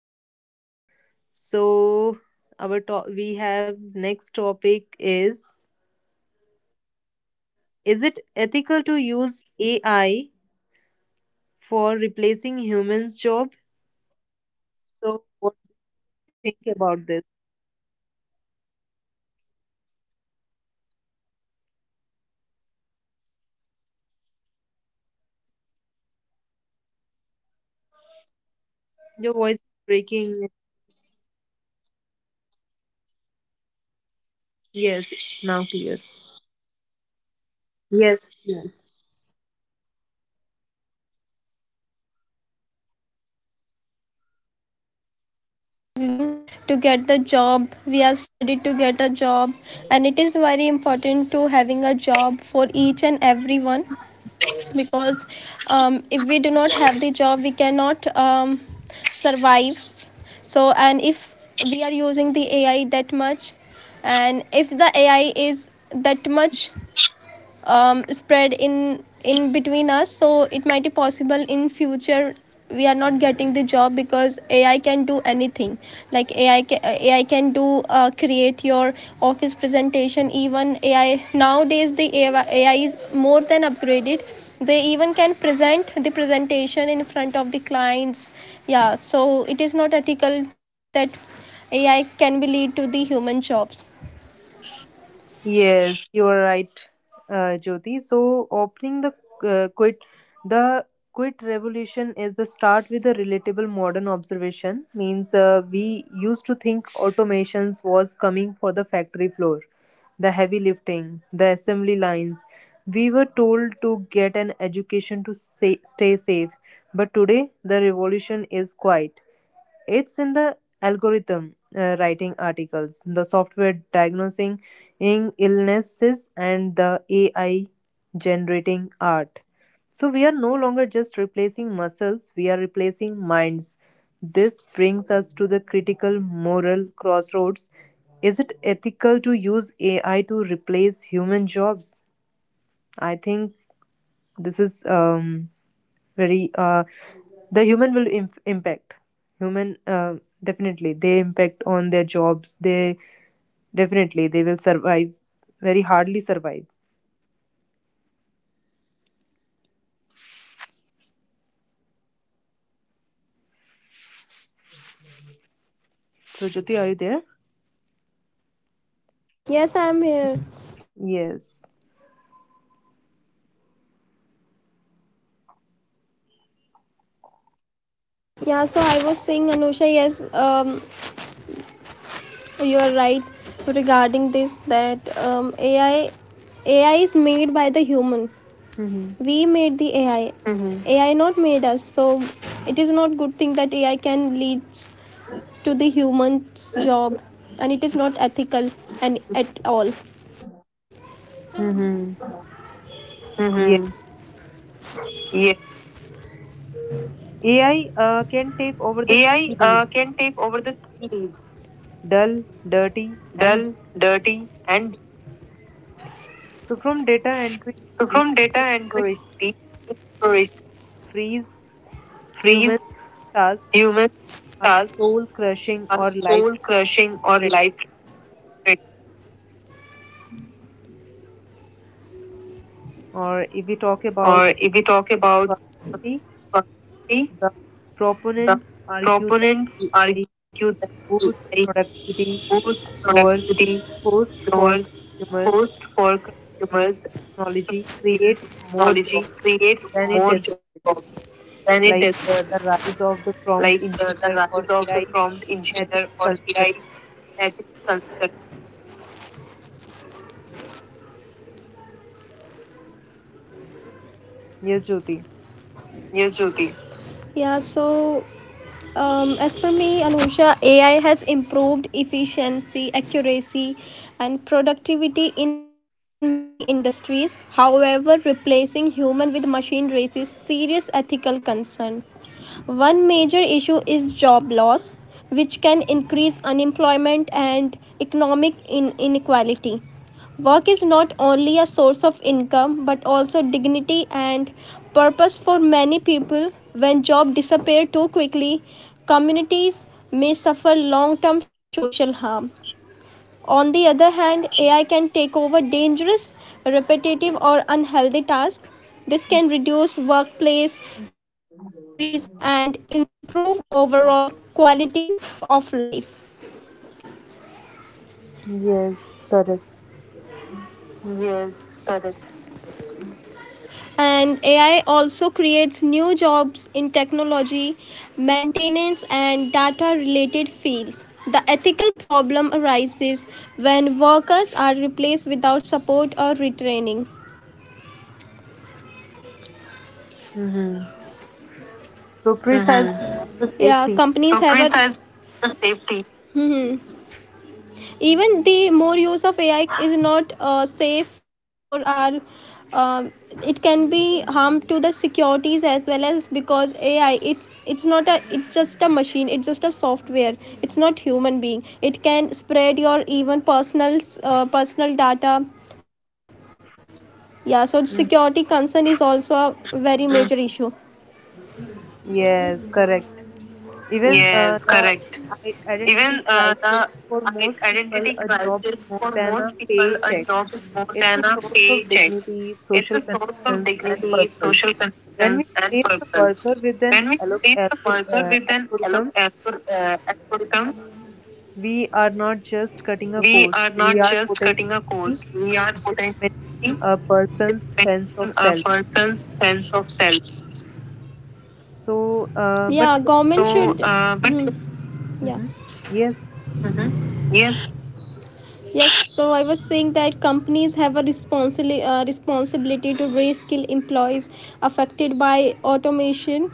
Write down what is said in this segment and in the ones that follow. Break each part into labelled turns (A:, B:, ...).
A: podcast. So, we have next topic is it ethical to use AI for replacing humans' job?
B: For replacing
A: So, what
B: humans'
A: do
B: jobs.
A: you think about this?
B: So, what do you think about this? um, According to me, Anusha, not because um, every people struggling to get a job, and
A: Your voice is
B: a job is
A: breaking.
B: very important. Your voice is breaking. Is it clear now?
A: Yes, now clear.
B: Can you hear yes, me Yes, now
A: Yes.
B: clear.
A: yes.
B: Yes. Yeah so I was saying, Anusha, that um, every one of us are struggling to get the job, we are studied to get a job, and it is very important to having a job for each and everyone, because if we do not have the job we cannot survive. So, and if we are using the AI that much, and if the AI is that much spread in between us, so it might be possible in future we are not getting the job because AI can do anything. Like, AI can do create your office presentation. Even AI nowadays, the AI is more than upgraded, they even can present the presentation in front of the clients. Yeah, so it is not ethical that AI can be lead to the human jobs.
A: Yes, you are right, Jyoti. So, opening the uh, quit the quit revolution is the start with a relatable modern observation. Means we used to think automations was coming for the factory floor, the heavy lifting, the assembly lines. We were told to get an education to say, stay safe, but today the revolution is quiet. It's in the algorithm writing articles, the software illnesses, and the AI generating art. So we are no longer just replacing muscles, we are replacing minds. This brings us to the critical moral crossroads. Is it ethical to use AI to replace human jobs? I think this is very the human will imp- impact human definitely they impact on their jobs, they definitely they will survive, very hardly survive. So, Jyoti, are you there?
B: Yes, I am here.
A: Yes.
B: Yeah, so I was saying, Anusha, yes, you are right regarding this that AI is made by the human.
A: Mm-hmm.
B: We made the AI. AI not made us. So it is not good thing that AI can lead to the human's job, and it is not ethical and at all.
A: Mm-hmm.
B: Mm-hmm.
A: Yes.
B: Yeah.
A: AI can take over the
B: AI
A: three D's:
B: can take over the three Ds:
A: dull, dirty, and,
B: dull, dirty, and
A: so, from data entry to
B: so
A: deep
B: from data entry,
A: exploration,
B: deep exploration,
A: freeze. Human
B: freeze.
A: tasks
B: Human
A: are
B: tasks
A: soul crushing
B: are
A: or life
B: soul crushing or
A: threatening,
B: life threatening.
A: or if we talk about
B: Or if we talk about
A: prosperity.
B: productivity,
A: The
B: the
A: proponents argue that
B: proponents
A: AI
B: argue that
A: boosts
B: they
A: productivity,
B: boost
A: lowers
B: productivity,
A: cost for
B: lowers
A: consumers,
B: cost
A: and
B: for
A: historically,
B: consumers,
A: technology creates more
B: technology
A: jobs
B: creates
A: than it
B: more
A: does,
B: jobs than it does.
A: like
B: Like
A: the
B: the
A: rise
B: rise
A: of
B: of
A: the
B: the prompt
A: prompt engineer
B: engineer or
A: or AI
B: AI
A: ethics
B: ethics
A: consultant.
B: consultant.
A: Yes, Jyoti.
B: Yes, Jyoti. Yeah, so as per me, Anusha, AI has improved efficiency, accuracy, and productivity in many industries. However, replacing human with machine raises serious ethical concern. One major issue is job loss, which can increase unemployment and economic inequality. Work is not only a source of income but also dignity and purpose for many people. When jobs disappear too quickly, communities may suffer long term social harm. On the other hand, AI can take over dangerous, repetitive, or unhealthy tasks. This can reduce workplace injuries and improve overall quality of life.
A: Yes, correct.
B: Yes, correct. And AI also creates new jobs in technology, maintenance, and data related fields. The ethical problem arises when workers are replaced without support or retraining.
A: Mm-hmm. So precisely the
B: Yeah,
A: safety.
B: companies have a has the safety. Hmm. Even the more use of AI is not safe for our, um, it can be harm to the securities as well, as because AI, it's not a, it's just a machine, it's just a software. It's not human being, it can spread your even personal, personal data. Yeah, so
A: Mm.
B: security concern is also a very major issue.
A: Yes, correct. Even
B: Yes, correct.
A: identity
B: Even
A: crisis,
B: the
A: for most people,
B: identity
A: a job is
B: crisis
A: more
B: for
A: than a
B: most people, a
A: paycheck.
B: job is more
A: It's a
B: than a
A: source of
B: paycheck.
A: dignity,
B: It's
A: social
B: a source of
A: connections, and
B: dignity,
A: purpose.
B: social
A: When we
B: connections, and
A: replace a
B: purpose.
A: worker with an
B: When we treat the worker with an
A: algorithm,
B: algorithm,
A: we are not just cutting a
B: we
A: cost,
B: are
A: we
B: not
A: are
B: just
A: potentially
B: cutting a cost, we are
A: dismantling
B: potentially
A: a person's sense
B: expanding
A: of
B: a
A: self.
B: person's sense of self.
A: So,
B: Yeah,
A: but
B: government So, should. But Hmm, yeah.
A: Mhm. Yes.
B: Mhm. Yes. Yes, so I was saying that companies have a responsibility to reskill employees affected by automation.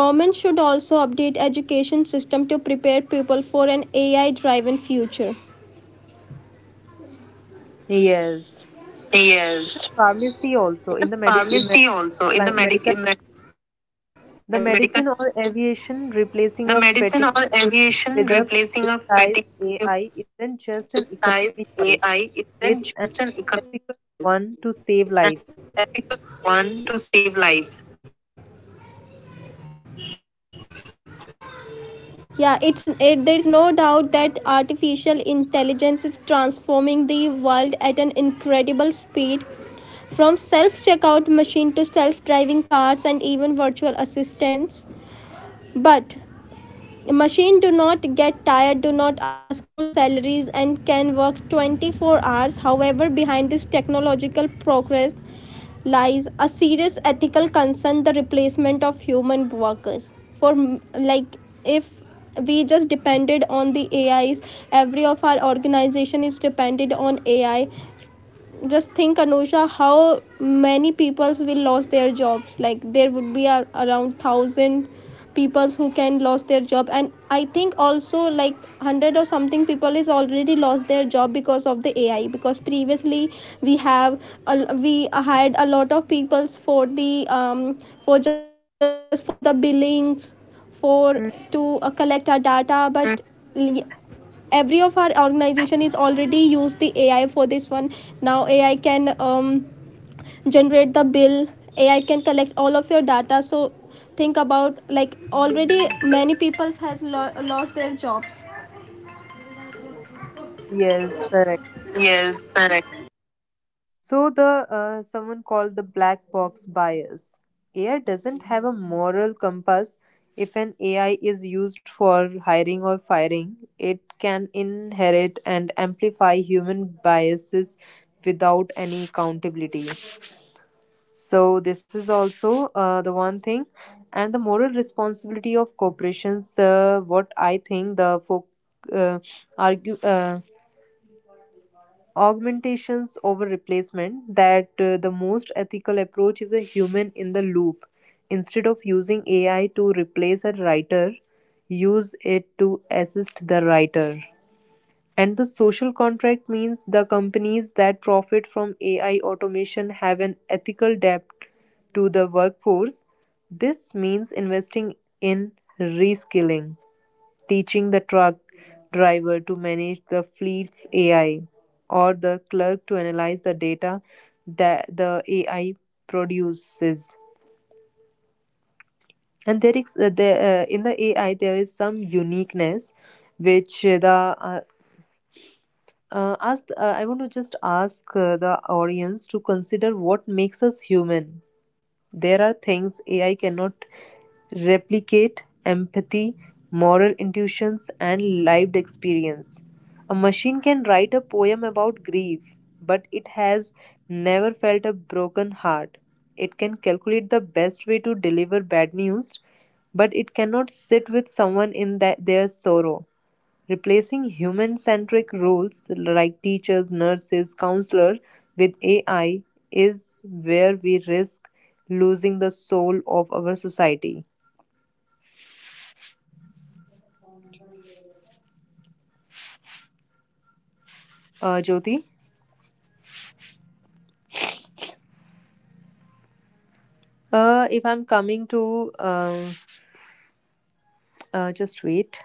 B: Government should also update education system to prepare people for an AI-driven future.
A: Yes.
B: Yes.
A: Pharmacy also, in the
B: It's
A: medic,
B: pharmacy also in
A: medical.
B: the medic in the like
A: The
B: medical.
A: medicine or aviation, replacing
B: The
A: a
B: medicine
A: fatigue
B: or
A: human
B: aviation
A: with a
B: replacing a
A: precise
B: fatigue with
A: AI, isn't
B: a
A: just an economic
B: precise
A: choice.
B: AI isn't
A: It's an
B: just an economic
A: ethical
B: choice.
A: one to save
B: It's an
A: lives.
B: ethical one to save lives. Yeah, there's no doubt that artificial intelligence is transforming the world at an incredible speed, from self-checkout machine to self-driving cars and even virtual assistants. But machine do not get tired, do not ask for salaries, and can work 24 hours. However, behind this technological progress lies a serious ethical concern, the replacement of human workers. For, like, if we just depended on the ais, every of our organization is dependent on AI. Just think, Anusha, how many peoples will lose their jobs? Like there would be a, around 1000 peoples who can lose their job, and I think also like 100 or something people is already lost their job because of the AI. Because previously we have we hired a lot of peoples for the, um, for just for the billings, for to
A: Hmm.
B: collect our data. But every of our organization is already used the AI for this one. Now AI can, generate the bill, AI can collect all of your data. So think about, like, already many people has lost their jobs.
A: Yes, correct.
B: Yes, correct.
A: So the someone called the black box bias. AI doesn't have a moral compass. If an AI is used for hiring or firing, it can inherit and amplify human biases without any accountability. So this is also the one thing, and the moral responsibility of corporations. What I think, the folk uh, argue, augmentations over replacement, that the most ethical approach is a human in the loop. Instead of using ai to replace a writer, use it to assist the writer. And the social contract means the companies that profit from AI automation have an ethical debt to the workforce. This means investing in reskilling, teaching the truck driver to manage the fleet's AI, or the clerk to analyze the data that the
B: Yeah,
A: AI
B: because,
A: produces.
B: we cannot depend, like,
A: And there is in the AI
B: this
A: there is some
B: country and
A: uniqueness
B: the economy
A: which
B: for of this
A: uh,
B: country will be run by the peoples,
A: I want to
B: not
A: just
B: from the
A: ask
B: AI.
A: the audience to consider what
B: People's
A: makes us
B: are
A: human.
B: human beings, have
A: There are
B: having the
A: things AI
B: emotional
A: cannot
B: connect and
A: replicate:
B: everything, but AI
A: empathy,
B: is just
A: moral
B: a
A: intuitions, and
B: non-emotional
A: lived
B: machine
A: experience.
B: or a
A: A
B: kind of
A: machine can write a poem about grief, but it has never felt a broken heart. It can calculate the best way to deliver bad news, but it cannot sit with someone in that, their sorrow. Replacing human-centric roles like teachers, nurses, counselors with AI is where we risk losing the soul of our society. Jyoti, if I'm coming to, just wait.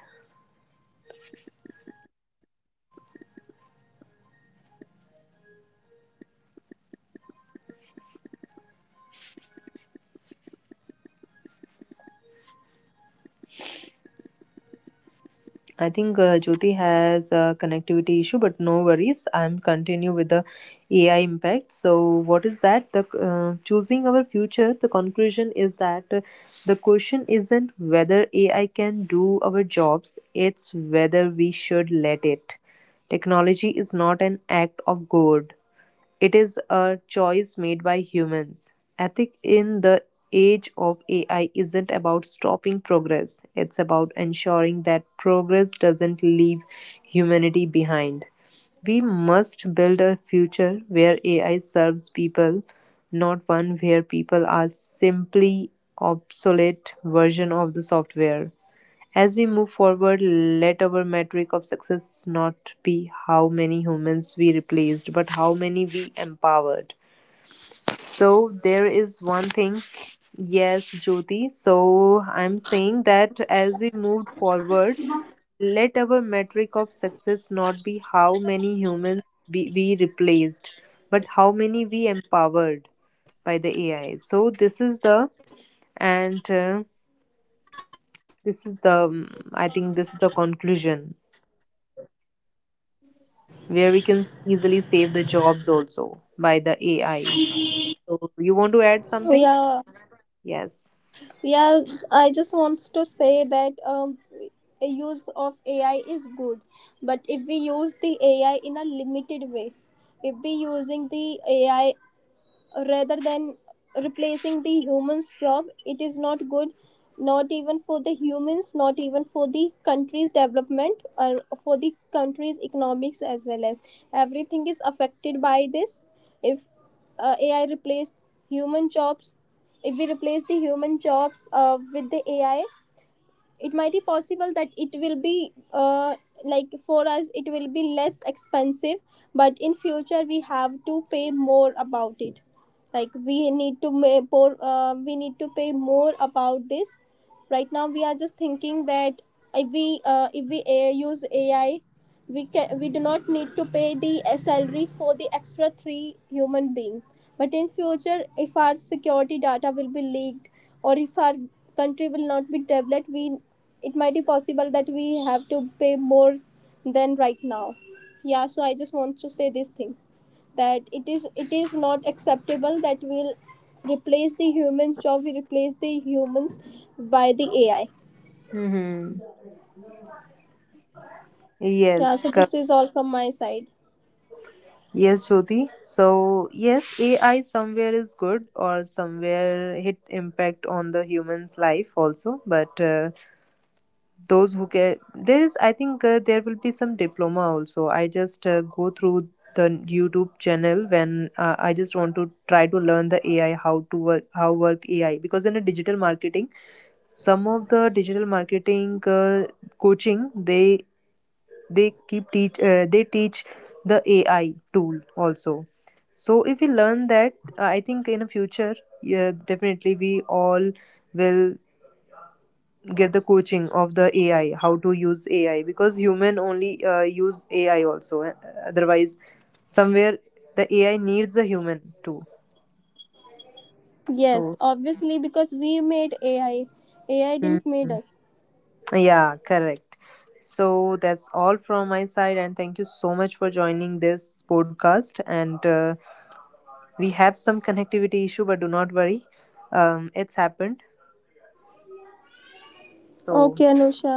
A: I think Jyoti has a connectivity issue, but no worries. I'm continue with the AI impact. So, what is that? The choosing our future. The conclusion is that the question isn't whether AI can do our jobs; it's whether we should let it. Technology is not an act of God; it is a choice made by humans. Ethic in the age of AI isn't about stopping progress, it's about ensuring that progress doesn't leave humanity behind. We must build a future where AI serves people, not one where people are simply obsolete version of the software. As we move forward, let our metric of success not be how many humans we replaced, but how many we empowered. So, there is one thing. Yes, Jyoti. So, I'm saying that as we moved forward, let our metric of success not be how many humans we replaced, but how many we empowered by the AI. So, this is the, and this is the, I think this is the conclusion, where we can easily save the jobs also by the AI. So you want to add something?
C: Yeah,
A: Yes.
C: yeah, I just wants to say that a use of AI is good, but if we use the AI in a limited way, if we using the AI rather than replacing the humans job, it is not good, not even for the humans, not even for the country's development or for the country's economics as well as everything is affected by this. If AI replace human jobs, if we replace the human jobs with the AI, it might be possible that it will be like for us it will be less expensive, but in future we have to pay more about it. Like we need to may, pour, we need to pay more about this. Right now we are just thinking that if we if we use AI, we can we do not need to pay the salary for the extra three human beings. But in future if our security data will be leaked, or if our country will not be developed, we, it might be possible that we have to pay more than right now. Yeah, so I just want to say this thing that it is not acceptable that we'll replace the humans job, we replace the humans by the AI.
A: Mm-hmm.
C: Yeah,
A: Yes,
C: so
A: correct.
C: this is all from my side.
A: Yes, Jyoti. So yes, AI somewhere is good or somewhere it impact on the human's life also. But those who get there is, I think there will be some diploma also. I just go through the YouTube channel when I just want to try to learn the AI how to work, how work AI, because in a digital marketing, some of the digital marketing coaching, they keep teach, they teach the ai tool also. So if we learn that, I think in the future, yeah, definitely we all will get the coaching of the ai how to use ai because human only use ai also, otherwise somewhere the ai needs the human too.
C: Yes,
A: So,
C: obviously, because we made AI, AI didn't made
A: hmm.
C: us.
A: Yeah, correct. So that's all from my side, and thank you so much for joining this podcast. And we have some connectivity issue, but do not worry, it's happened. So
C: Okay, Anusha,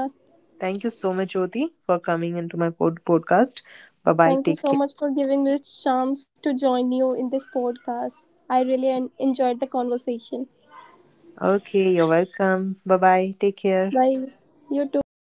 A: thank you so much, Jyoti, for coming into my podcast. Bye bye.
C: thank you
A: Take
C: so
A: care.
C: much for giving me this chance to join you in this podcast. I really enjoyed the conversation.
A: Okay, you're welcome. Bye bye. Take care.
C: Bye. You too.